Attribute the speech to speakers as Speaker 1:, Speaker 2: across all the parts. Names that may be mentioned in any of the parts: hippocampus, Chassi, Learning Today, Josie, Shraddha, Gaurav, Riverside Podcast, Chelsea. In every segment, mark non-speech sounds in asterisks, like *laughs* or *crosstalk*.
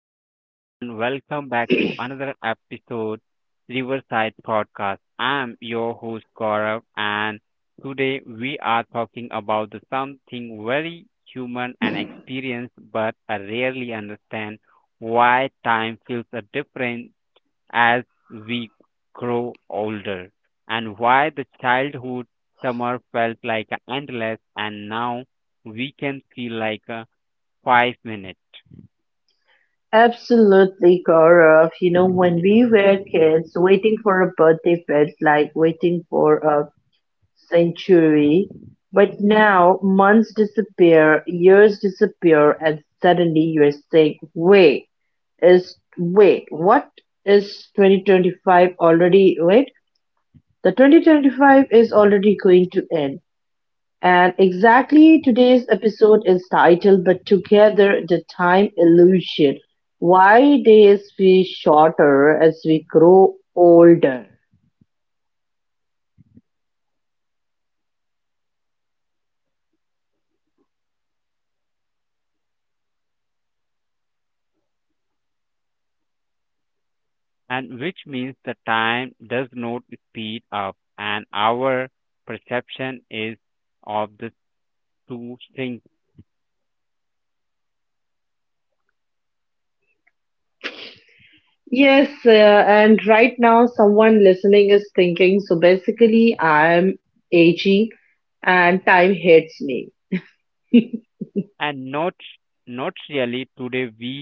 Speaker 1: Hi everyone, welcome back to another episode Riverside Podcast. I'm your host Gaurav and today we are talking about the something very human and experienced but I rarely understand why time feels a different as we grow older and why the childhood summer felt like endless and now we can feel like a 5 minutes,
Speaker 2: Absolutely, Gaurav. You know, when we were kids, waiting for a birthday felt like waiting for a century. But now, months disappear, years disappear, and suddenly you're saying, wait, what is 2025 already? Wait, the 2025 is already going to end. And exactly today's episode is titled But Together the Time Illusion, Why Days Feel Shorter as We Grow Older.
Speaker 1: and which means the time does not speed up and our perception is of the two things.
Speaker 2: Yes, and right now someone listening is thinking, so basically I'm aging and time hates me. *laughs*
Speaker 1: And not really, today we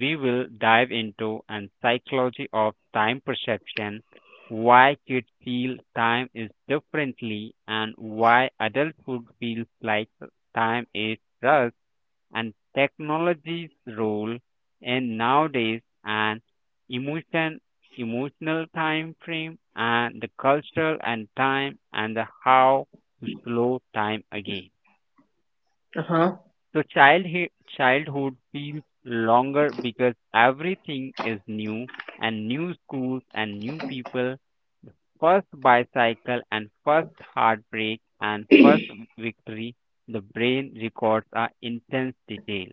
Speaker 1: we will dive into and psychology of time perception, why kids feel time is differently and why adulthood feels like time is rushed, and technology's role in nowadays, and emotion emotional time frame, and the cultural and time, and the how to slow time again.
Speaker 2: Uh-huh.
Speaker 1: So childhood feels longer because everything is new, and new schools and new people, first bicycle and first heartbreak and first victory. The brain records are intense detail.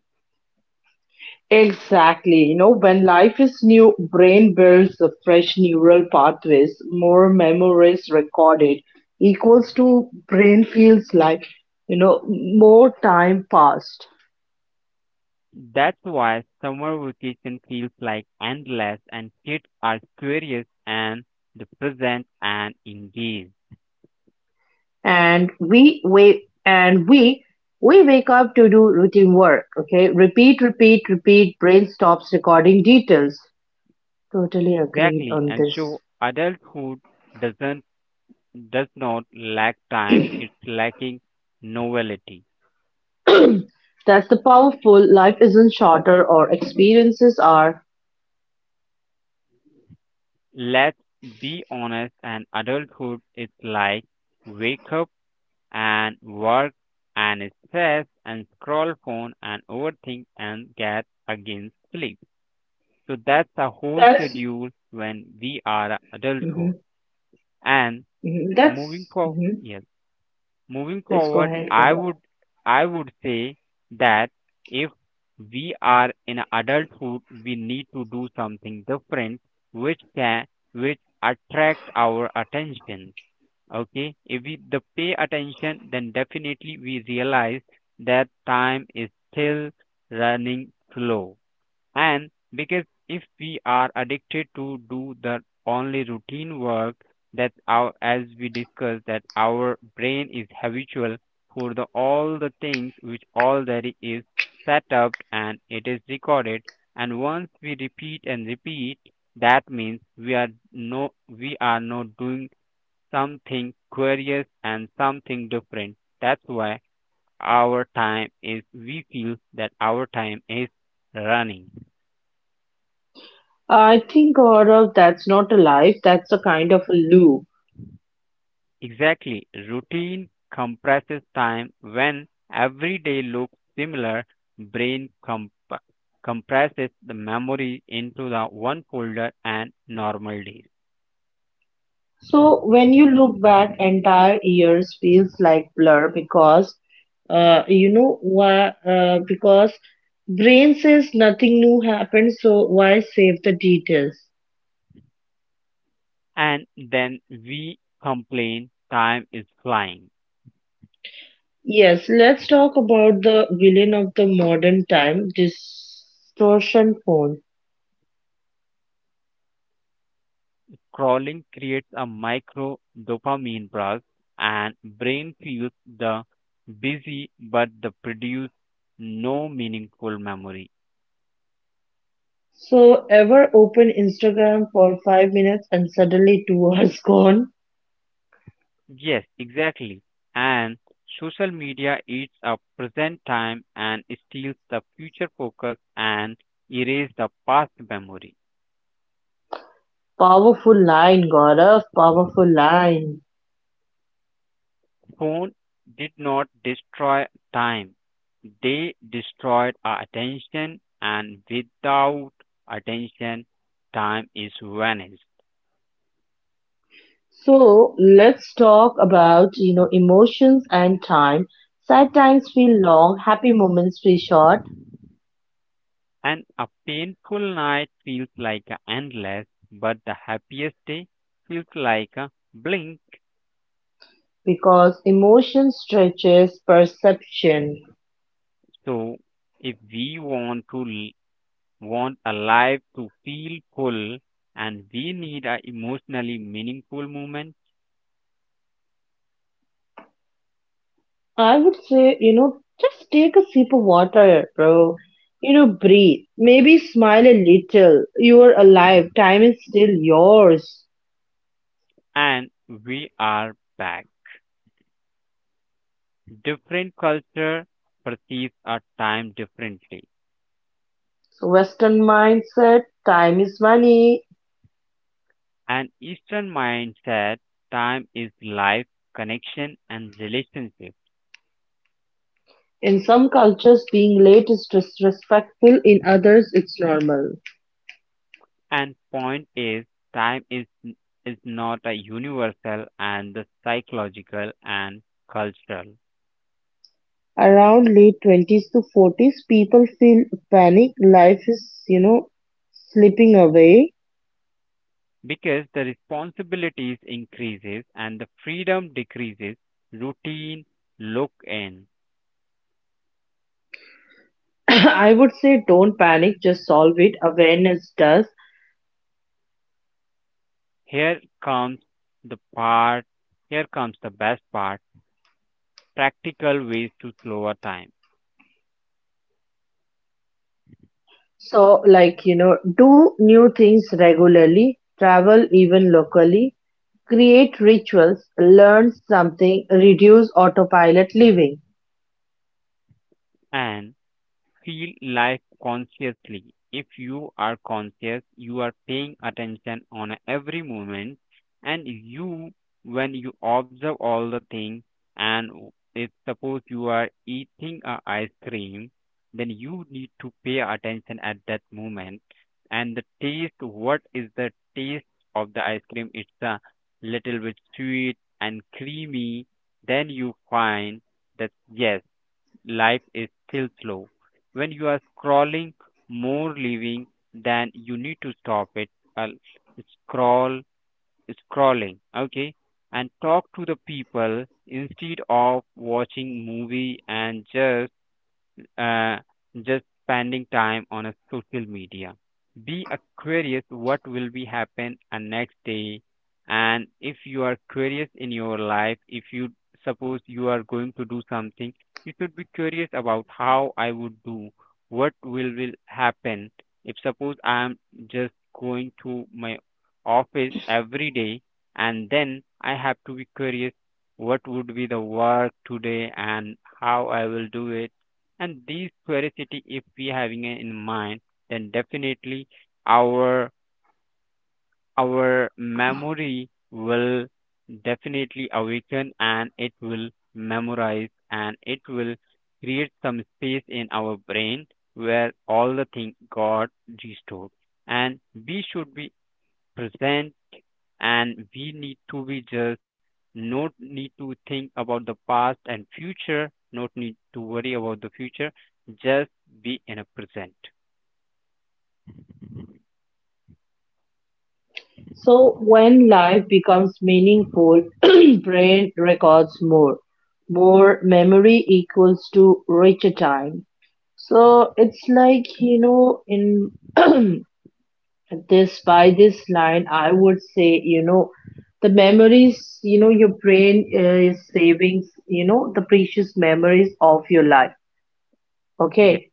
Speaker 2: Exactly. You know, when life is new, brain builds the fresh neural pathways, more memories recorded, equals to brain feels like, you know, more time passed.
Speaker 1: That's why summer vacation feels like endless, and kids are curious and the present and engaged.
Speaker 2: And we wake up to do routine work. Okay. Repeat, repeat, repeat, brain stops recording details. Totally agreed
Speaker 1: Exactly.
Speaker 2: on
Speaker 1: And
Speaker 2: this.
Speaker 1: so adulthood doesn't does not lack time, it's lacking novelty.
Speaker 2: That's the powerful life isn't shorter or experiences are
Speaker 1: Let's be honest, and adulthood is like wake up and work and stress and scroll phone and overthink and get against sleep. So that's a whole
Speaker 2: that's
Speaker 1: schedule when we are
Speaker 2: mm-hmm.
Speaker 1: adulthood. And
Speaker 2: That's
Speaker 1: moving for
Speaker 2: mhm.
Speaker 1: yes, moving
Speaker 2: Please go
Speaker 1: forward,
Speaker 2: ahead,
Speaker 1: I
Speaker 2: Gaurav.
Speaker 1: would I would say that if we are in adulthood, we need to do something different, which can which attract our attention. Okay, if we the pay attention, then definitely we realize that time is still running slow. And because if we are addicted to do the only routine work, that's our, as we discussed, that our brain is habitual for the all the things which already is set up and it is recorded. And once we repeat and repeat, that means we are not doing something curious and something different. That's why our time is, we feel that our time is running.
Speaker 2: I think, Gaurav, that's not a life, that's a kind of a loop.
Speaker 1: Exactly. Routine compresses time when every day looks similar, brain compresses the memory into the one folder and normal days.
Speaker 2: So when you look back, entire years feels like blur because, you know why? Because brain says nothing new happened, so why save the details?
Speaker 1: And then we complain time is flying.
Speaker 2: Yes, let's talk about the villain of the modern time, distortion phone.
Speaker 1: Crawling creates a micro dopamine burst, and brain feels the busy but the produce no meaningful memory.
Speaker 2: So ever open Instagram for 5 minutes and suddenly 2 hours *laughs* gone?
Speaker 1: Yes, exactly. And social media eats up present time and steals the future focus and erase the past memory.
Speaker 2: Powerful line, Gaurav, powerful line.
Speaker 1: Phone did not destroy time. They destroyed our attention, and without attention, time is vanished.
Speaker 2: So let's talk about, you know, emotions and time. Sad times feel long, happy moments feel short
Speaker 1: And a painful night feels like a endless, but the happiest day feels like a blink.
Speaker 2: because emotion stretches perception.
Speaker 1: So if we want a life to feel full, and we need a emotionally meaningful moment.
Speaker 2: I would say, you know, just take a sip of water, bro. You know, breathe. Maybe smile a little. You are alive. Time is still yours.
Speaker 1: And we are back, different culture perceives a time differently,
Speaker 2: So Western mindset, time is money.
Speaker 1: an eastern mindset time is life, connection and relationship.
Speaker 2: In some cultures, being late is disrespectful, in others, it's normal.
Speaker 1: And point is time is not a universal and the psychological and cultural.
Speaker 2: Around late 20s to 40s, people feel panic. Life is, you know, slipping away.
Speaker 1: Because the responsibilities increases and the freedom decreases, routine look in,
Speaker 2: *coughs* *clears throat* I would say don't panic, just solve it. Awareness does.
Speaker 1: here comes the part here comes the best part, practical ways to slower time
Speaker 2: So, like, you know, do new things regularly, travel even locally, create rituals, learn something, reduce autopilot living.
Speaker 1: and feel life consciously. If you are conscious, you are paying attention on a every moment, and you, when you observe all the things, and if suppose you are eating a ice cream, then you need to pay attention at that moment, and the taste. What is the taste of the ice cream? It's a little bit sweet and creamy. Then you find that yes, life is still slow. When you are scrolling more living, than you need to stop it, uh, scroll, scrolling, okay, and talk to the people instead of watching movie and uh, just spending time on a social media. Be a curious what will be happen a next day, and if you are curious in your life, if you suppose you are going to do something, you should be curious about how I would do, what will happen. If suppose I am just going to my office every day, and then I have to be curious what would be the work today and how I will do it. And these curiosity if we having it in mind, then definitely our our memory will definitely awaken, and it will memorize, and it will create some space in our brain where all the things got restored. And we should be present, and we need to be just, no need to think about the past and future. No need to worry about the future, just be in a present.
Speaker 2: So when life becomes meaningful, *clears throat* brain records more. More memory equals to richer time. So it's like, you know, in *clears throat* this by this line, I would say, you know, the memories, you know, your brain is saving, you know, the precious memories of your life.
Speaker 1: Yes,
Speaker 2: Okay.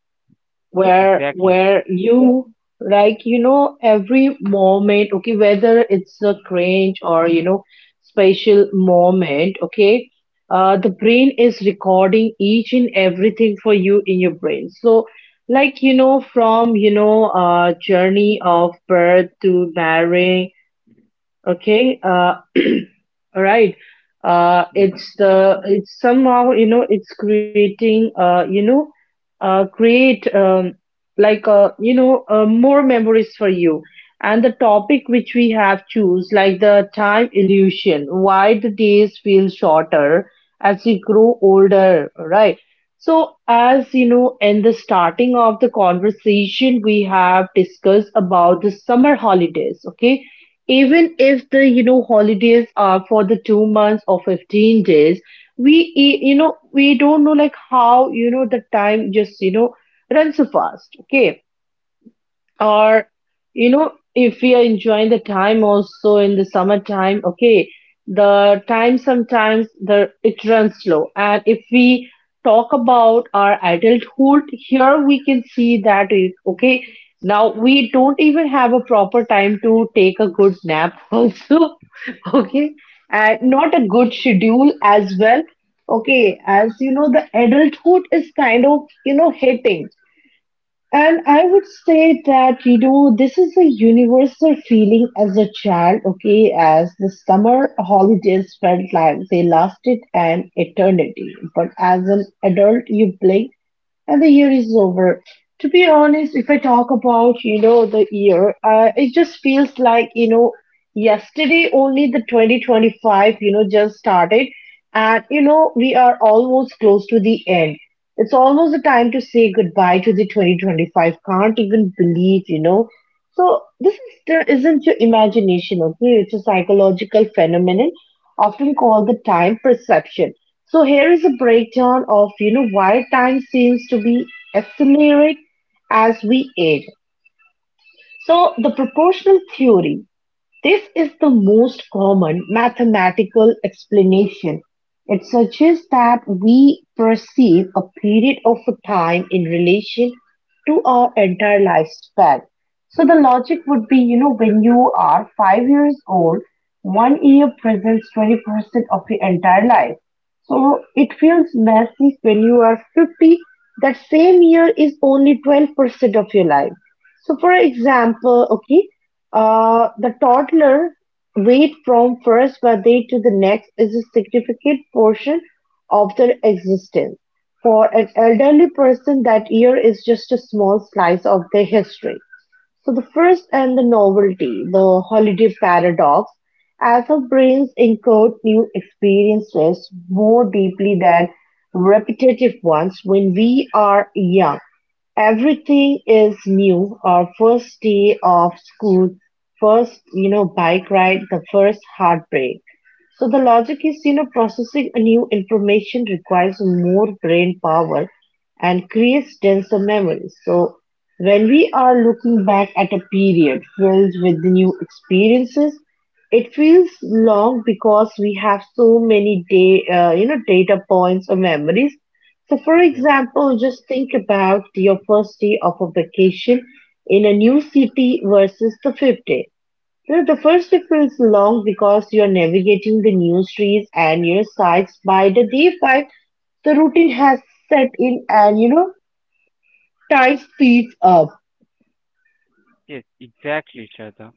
Speaker 2: where
Speaker 1: exactly.
Speaker 2: where you, like, you know, every moment, okay, whether it's a cringe or, you know, special moment, okay, the brain is recording each and everything for you in your brain. So, like, you know, from, you know, journey of birth to marriage. Okay. *clears throat* All right.
Speaker 1: Yes,
Speaker 2: It's the it's somehow, you know, it's creating you know create like you know, more memories for you. And the topic which we have choose, like the time illusion, why the days feel shorter as we grow older, right? So as you know, in the starting of the conversation, we have discussed about the summer holidays. Okay. Even if the, you know, holidays are for the 2 months or 15 days, we, you know, we don't know like how, you know, the time just, you know, runs so fast. Okay. Or, you know, if we are enjoying the time also in the summertime, okay, the time sometimes the it runs slow. And if we talk about our adulthood, here we can see that it, okay, now we don't even have a proper time to take a good nap *laughs* also, okay, and not a good schedule as well, okay. As you know, the adulthood is kind of, you know, hitting. And I would say that, you know, this is a universal feeling. As a child, okay, as the summer holidays felt like they lasted an eternity. But as an adult, you blink and the year is over. To be honest, if I talk about, you know, the year, it just feels like, you know, yesterday only the 2025, you know, just started. And, you know, we are almost close to the end. It's almost the time to say goodbye to the 2025. Can't even believe, you know. So this is, isn't your imagination, okay? It's a psychological phenomenon, often called the time perception. So here is a breakdown of, you know, why time seems to be accelerate as we age. So the proportional theory. This is the most common mathematical explanation; it suggests that we perceive a period of time in relation to our entire lifespan. So the logic would be, you know, when you are 5 years old, 1 year presents 20% of your entire life. So it feels massive. When you are 50, that same year is only 12% of your life. So, for example, okay, the toddler weight from first birthday to the next is a significant portion of their existence. For an elderly person, that year is just a small slice of their history. So the first and the novelty, the holiday paradox, as our brains encode new experiences more deeply than repetitive ones. When we are young, everything is new. Our first day of school, first, you know, bike ride, the first heartbreak. So the logic is, you know, processing a new information requires more brain power and creates denser memories. So when we are looking back at a period filled with new experiences, it feels long because we have so many day, you know, data points or memories. So, for
Speaker 1: yeah.
Speaker 2: example, just think about your first day of a vacation in a new city versus the fifth day. So the first day feels long because you're navigating the new streets and your sights. By the day five, the routine has set in, and you know time speeds up.
Speaker 1: Yes, exactly, Shraddha.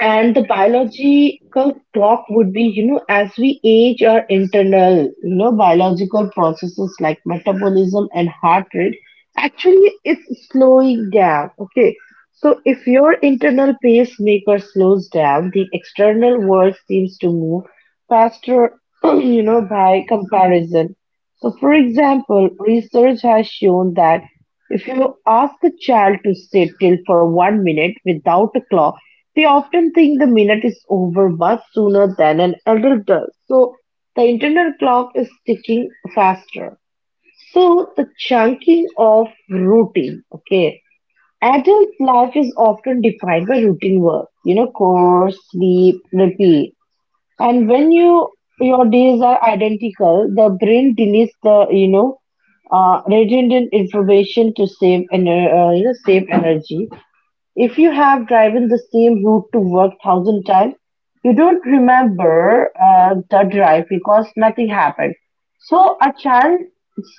Speaker 2: And the biological clock would be, you know, as we age, our internal, you know, biological processes like metabolism and heart rate actually it's slowing down. Okay. So if your internal pacemaker slows down, the external world seems to move faster, *clears throat* you know, by comparison. So, for example, research has shown that if you ask a child to sit still for 1 minute without a clock, they often think the minute is over much sooner than an adult does. So, the internal clock is ticking faster. So, the chunking of routine, okay. Adult life is often defined by routine work, you know, chores, sleep, repeat. And when you your days are identical, the brain deletes the, you know, redundant information to save you know, save energy. If you have driven the same route to work thousand times, you don't remember the drive because nothing happened. So a child's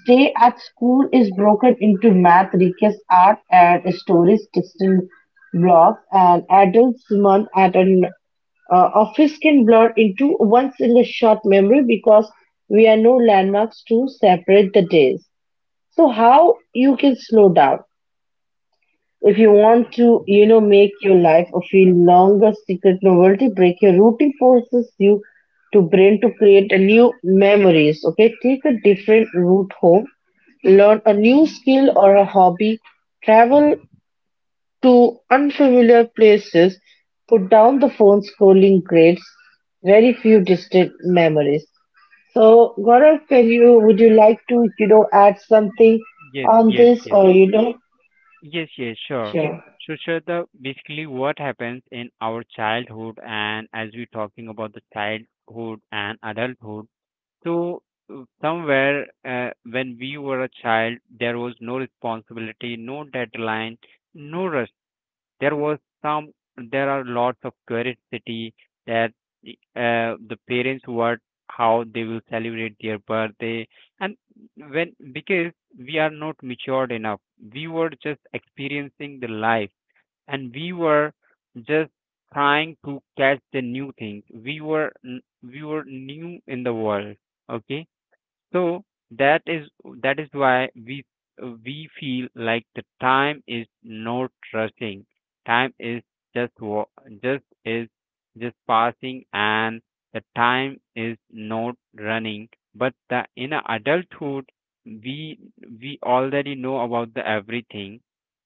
Speaker 2: day at school is broken into math, recess, art, and stories, distant blocks, and adults' month at an office can blur into one single short memory because we are no landmarks to separate the days. So how you can slow down? If you want to, you know, make your life a feel longer secret novelty break, your routine forces you to brain to create a new memories. Okay, take a different route home, learn a new skill or a hobby, travel to unfamiliar places, put down the phone scrolling grades, very few distant memories. So Gaurav, can you would you like to, you know, add
Speaker 1: Mm,
Speaker 2: something
Speaker 1: Yes,
Speaker 2: on
Speaker 1: yes,
Speaker 2: this
Speaker 1: yes,
Speaker 2: or you know?
Speaker 1: yes, sure.
Speaker 2: Sure.
Speaker 1: So, Shraddha, basically, what happens in our childhood, and as we're talking about the childhood and adulthood, so somewhere when we were a child, there was no responsibility, no deadline, no rush, there was some, there are lots of curiosity, that the- the parents were how they will celebrate their birthday. And when, because we are not matured enough, we were just experiencing the life, and we were just trying to catch the new things. we were n- we were new in the world, okay. So that is that is why we feel like the time is not rushing. Time is just wa- just is just passing, and the time is not running. But the in a adulthood, we we already know about the everything,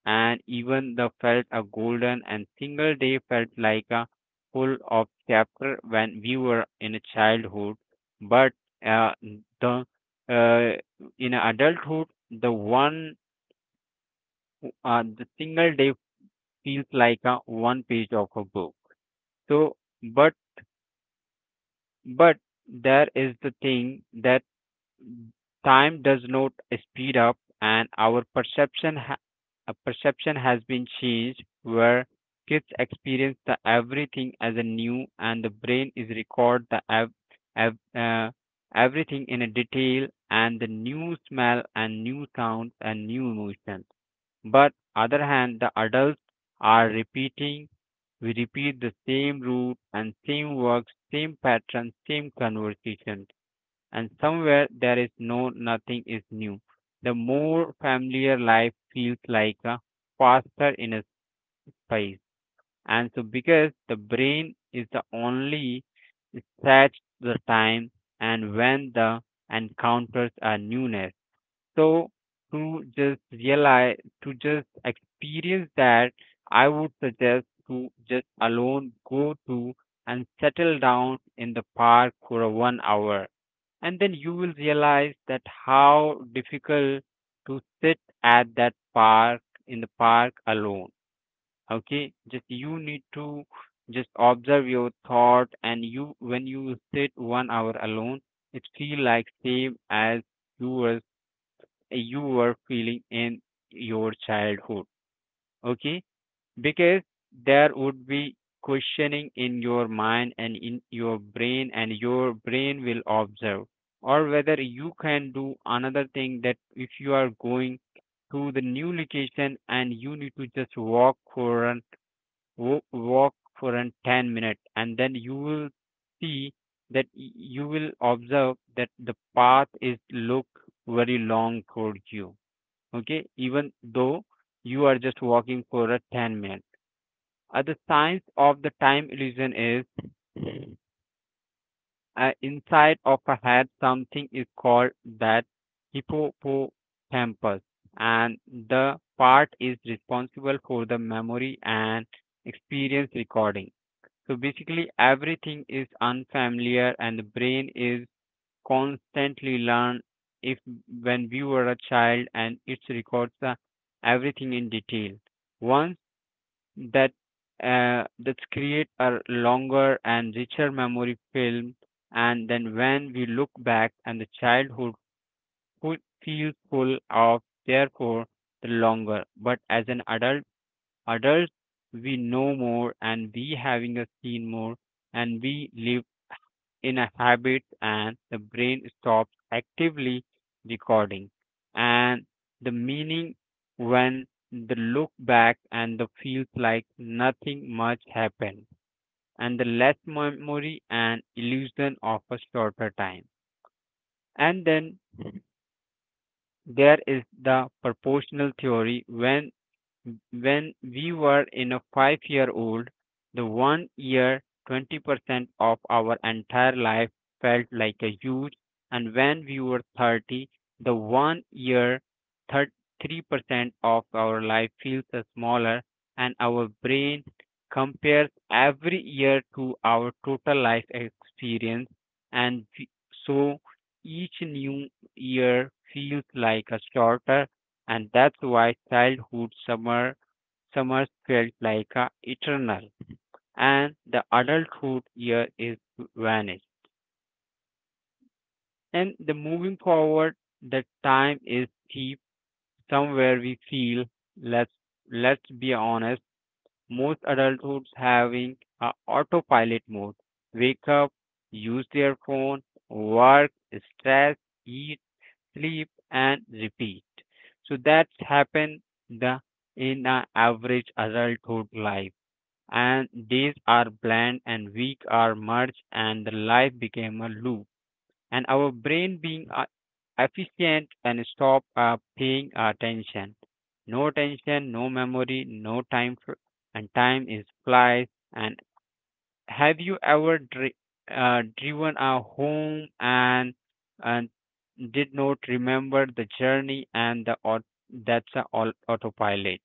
Speaker 1: and even the felt a golden and single day felt like a full of chapter when we were in a childhood. But uh, the uh, in adulthood, the single day feels like a one page of a book. So, but but there is the thing that time does not speed up, and our perception has been changed where kids experience the everything as a new, and the brain is record ev- uh, everything in a detail, and the new smell and new sounds and new emotion. But other hand, the adults are repeating, we repeat the same route and same works, same pattern, same conversation. And somewhere there is no nothing is new. The more familiar life feels like a faster in a space. And so because the brain is the only set the time and when the encounters are newness. So to just realize, to just experience that, I would suggest to just alone go to and settle down in the park for a 1 hour. And then you will realize that how difficult to sit at that park in the park alone. Okay, just you need to just observe your thought, and you when you sit 1 hour alone, it feel like same as you were you were feeling in your childhood, okay. Because there would be questioning in your mind and in your brain, and your brain will observe. Or whether you can do another thing, that if you are going to the new location and you need to just walk for an 10 minutes, and then you will see that you will observe that the path is look very long for you, okay, even though you are just walking for a 10 minutes. Uh, the science of the time illusion is inside of a head something is called that hippocampus, and the part is responsible for the memory and experience recording. So basically everything is unfamiliar, and the brain is constantly learn if when we were a child, and it records everything in detail. Once that that create a longer and richer memory film, and then when we look back, and the fu- feels full of, therefore the longer. But as an adult, adults, we know more and we having a seen more, and we live in a habit, and the brain stops actively recording. And the meaning when the look back and the feels like nothing much happened, and the less memory and illusion of a shorter time. And then there is the proportional theory when we were in a 5 year old, the 1 year 20% of our entire life felt like a huge, and when we were 30, the 1 year 33% of our life feels smaller, and our brain compares every year to our total life experience, and we- so each new year feels like a shorter. And that's why childhood summers felt like a eternal, and the adulthood year is vanished. And the moving forward, the time is cheap somewhere we feel, let's let's be honest, most adulthoods having a autopilot mode, wake up, use their phone, work, stress, eat, sleep and repeat. So that's happen the in an average adulthood life. And days are bland and week are merged and the life became a loop. And our brain being efficient and stop paying attention. No attention, no memory, no time for, and time is flies and have you ever dri- driven a home and did not remember the journey and that's a autopilot.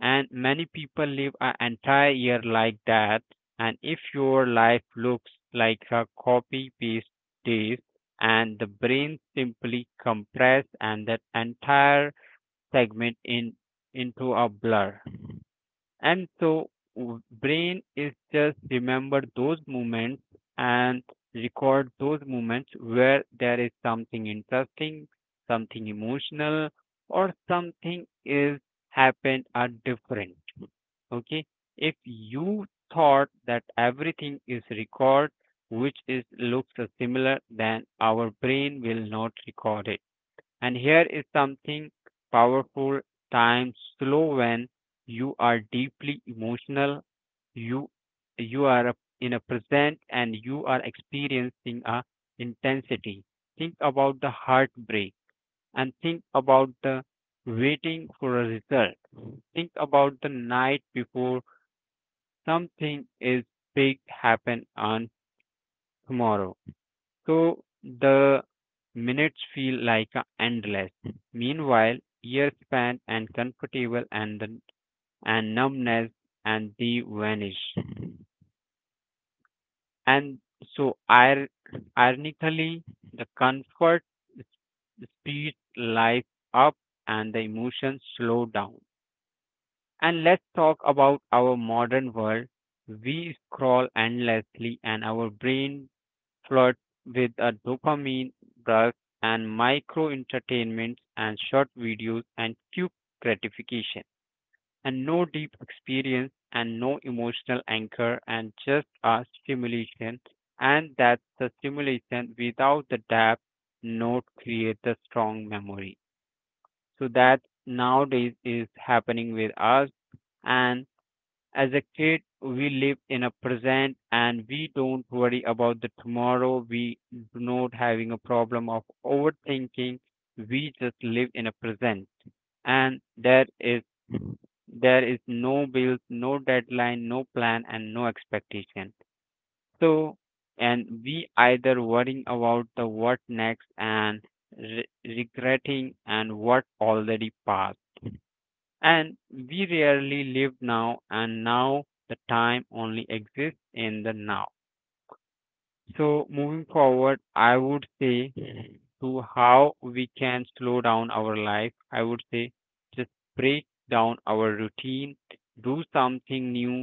Speaker 1: And many people live an entire year like that, and if your life looks like a copy paste days, and the brain simply compress and that entire segment in into a blur. And so brain is just remember those moments and record those moments where there is something interesting, something emotional, or something is happened are different. Okay. If you thought that everything is record, which is looks similar, then our brain will not record it. And here is something powerful. Time slow when you are deeply emotional, you you are in a present and you are experiencing a intensity. Think about the heartbreak, and think about the waiting for a result. Think about the night before something is big happen on tomorrow. So the minutes feel like endless. Meanwhile, years span and comfortable, and numbness, and they vanish. And so ironically, the comfort s- speeds life up and the emotions slow down. And let's talk about our modern world. We scroll endlessly and our brain flood with a dopamine rush, and micro entertainments and short videos and quick gratification, and no deep experience and no emotional anchor and just a stimulation. And that's the stimulation without the depth, not create the strong memory. So that nowadays is happening with us. And as a kid, we live in a present and we don't worry about the tomorrow. We do not having a problem of overthinking. We just live in a present. And there is no bills, no deadline, no plan and no expectation. So and we either worrying about the what next, and regretting and what already passed, and we rarely live now. And now the time only exists in the now. So moving forward, I would say, to how we can slow down our life, I would say just break down our routine, do something new,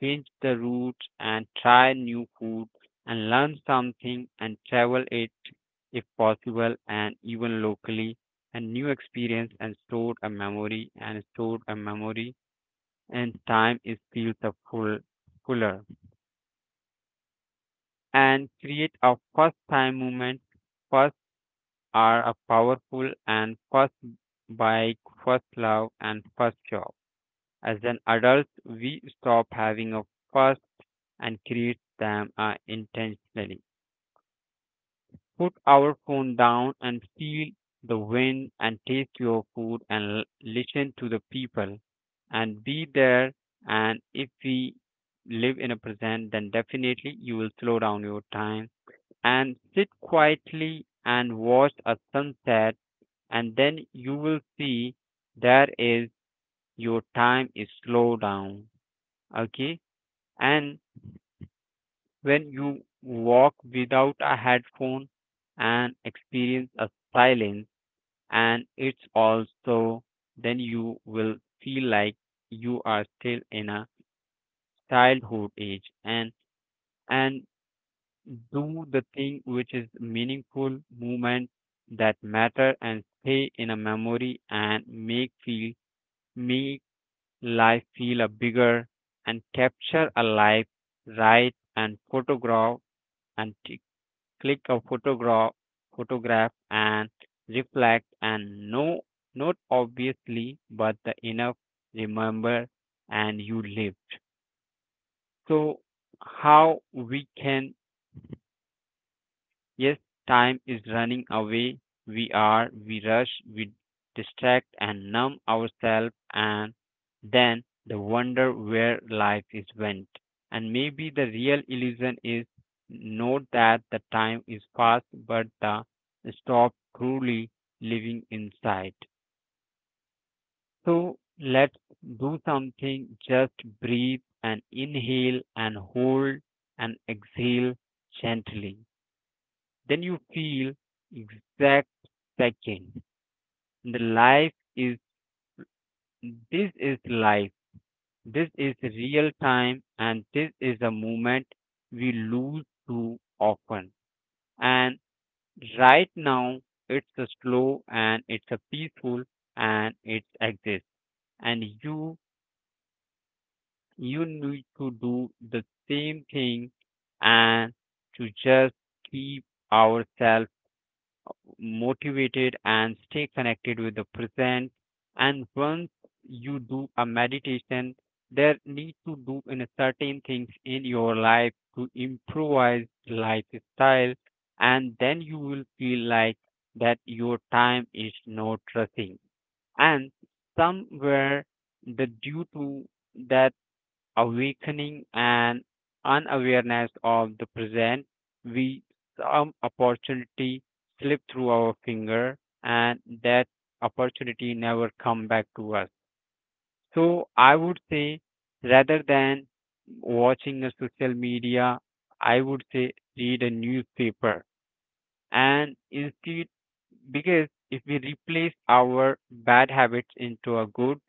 Speaker 1: change the routes and try new food, and learn something and travel it, if possible and even locally. And new experience and stored a memory and stored a memory, and time is feels the fuller, and create a first time movement. First are a powerful, and first bike, first love and first job. As an adult we stop having a first, and create them intentionally. Put our phone down and feel the wind and taste your food, and listen to the people and be there. And if we live in a present, then definitely you will slow down your time, and sit quietly and watch a sunset. And then you will see there is your time is slow down. Okay. And when you walk without a headphone and experience a silence, and it's also, then you will feel like you are still in a childhood age, and do the thing which is meaningful moment, that matter and stay in a memory, and make life feel a bigger, and capture a life, write and photograph, and click a photograph and reflect, and no, not obviously but the enough, remember and you live. So how we can. Yes, time is running away. We rush, we distract and numb ourselves, and then the wonder where life is went. And maybe the real illusion is not that the time is fast, but the stop truly living inside. So let's do something, just breathe and inhale and hold and exhale gently, then you feel exact second. The life is, this is life. This is real time, and this is a moment we lose too often. And right now, it's a slow and it's a peaceful and it exists. And you need to do the same thing, and to just keep ourselves motivated and stay connected with the present. And once you do a meditation, there need to do in a certain things in your life to improvise lifestyle, and then you will feel like that your time is not rushing. And somewhere the due to that awakening and unawareness of the present, we some opportunity slip through our finger, and that opportunity never come back to us. So I would say rather than watching a social media, I would say read a newspaper and instead, because if we replace our bad habits into a good,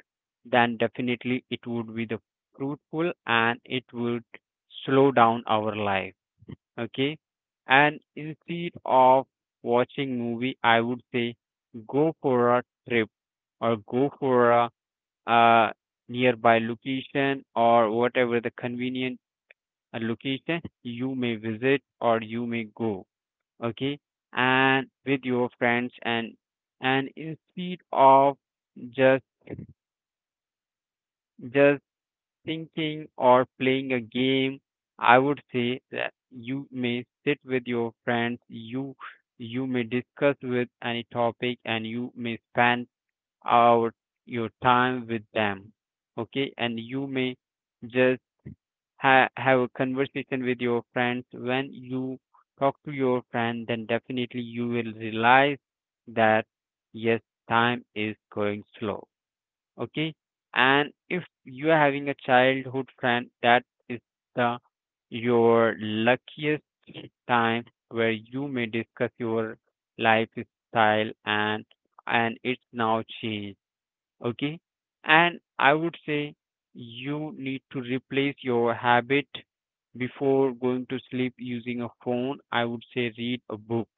Speaker 1: then definitely it would be the fruitful and it would slow down our life. Okay. And instead of watching movie, I would say go for a trip, or go for a uh, nearby location, or whatever the convenient location you may visit or you may go, okay, and with your friends. And instead of just just thinking or playing a game, I would say that you may sit with your friends, you may discuss with any topic and you may spend our your time with them, okay. And you may just have a conversation with your friends. When you talk to your friend, then definitely you will realize that yes, time is going slow, okay. And if you are having a childhood friend, that is the your luckiest time, where you may discuss your lifestyle, and it's now changed, okay. And I would say you need to replace your habit. Before going to sleep using a phone, I would say read a book,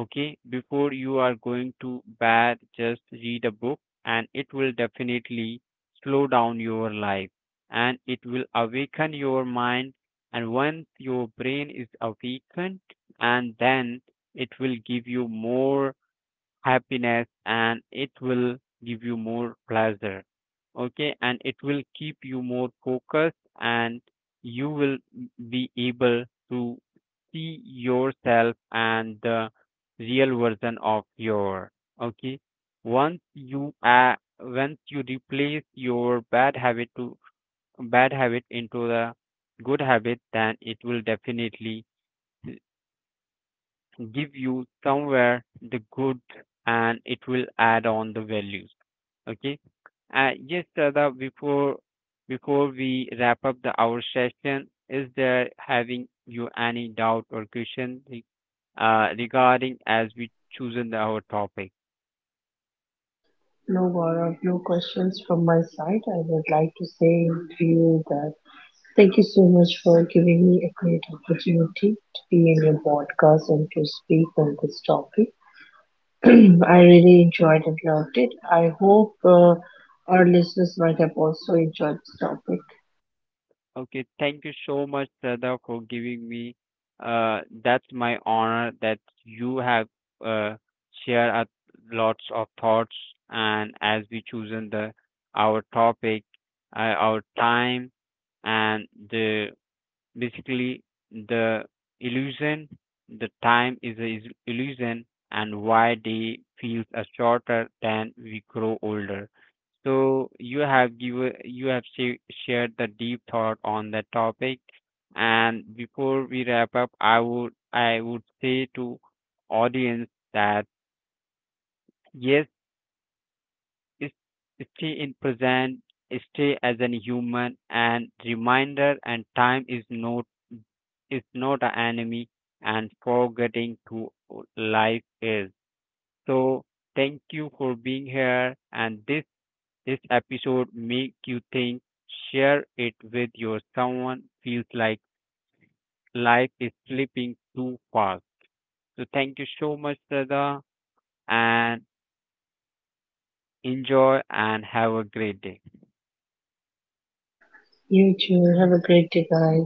Speaker 1: okay. Before you are going to bed, just read a book, and it will definitely slow down your life, and it will awaken your mind. And once your brain is awakened, and then it will give you more happiness, and it will give you more pleasure, okay. And it will keep you more focused, and you will be able to see yourself and the real version of your, okay. Once you once you replace your bad habit into the good habit, then it will definitely give you somewhere the good, and it will add on the values, okay. Yes Sada, before we wrap up the our session, is there having you any doubt or question regarding as we chosen the, our topic.
Speaker 2: No, Gaurav, no questions from my side. I would like to say to you that thank you so much for giving me a great opportunity to be in your podcast and to speak on this topic. *clears throat* I really enjoyed and loved it. I hope our listeners might have also enjoyed this topic.
Speaker 1: Okay, thank you so much, Sada, for giving me. That's my honor that you have uh, shared a lots of thoughts, and as we chosen the our topic, our time, and the basically the illusion, the time is an illusion, and why day feels shorter than we grow older. So you have given, you have shared the deep thought on that topic. And before we wrap up, I would say to audience that yes, is- stay in present, stay as an human, and reminder and time is not an enemy, and forgetting to life is. So thank you for being here, and this episode make you think. Share it with your someone feels like life is slipping too fast. So thank you so much, Radha, and enjoy and have a great day.
Speaker 2: You too. Have a great day, guys.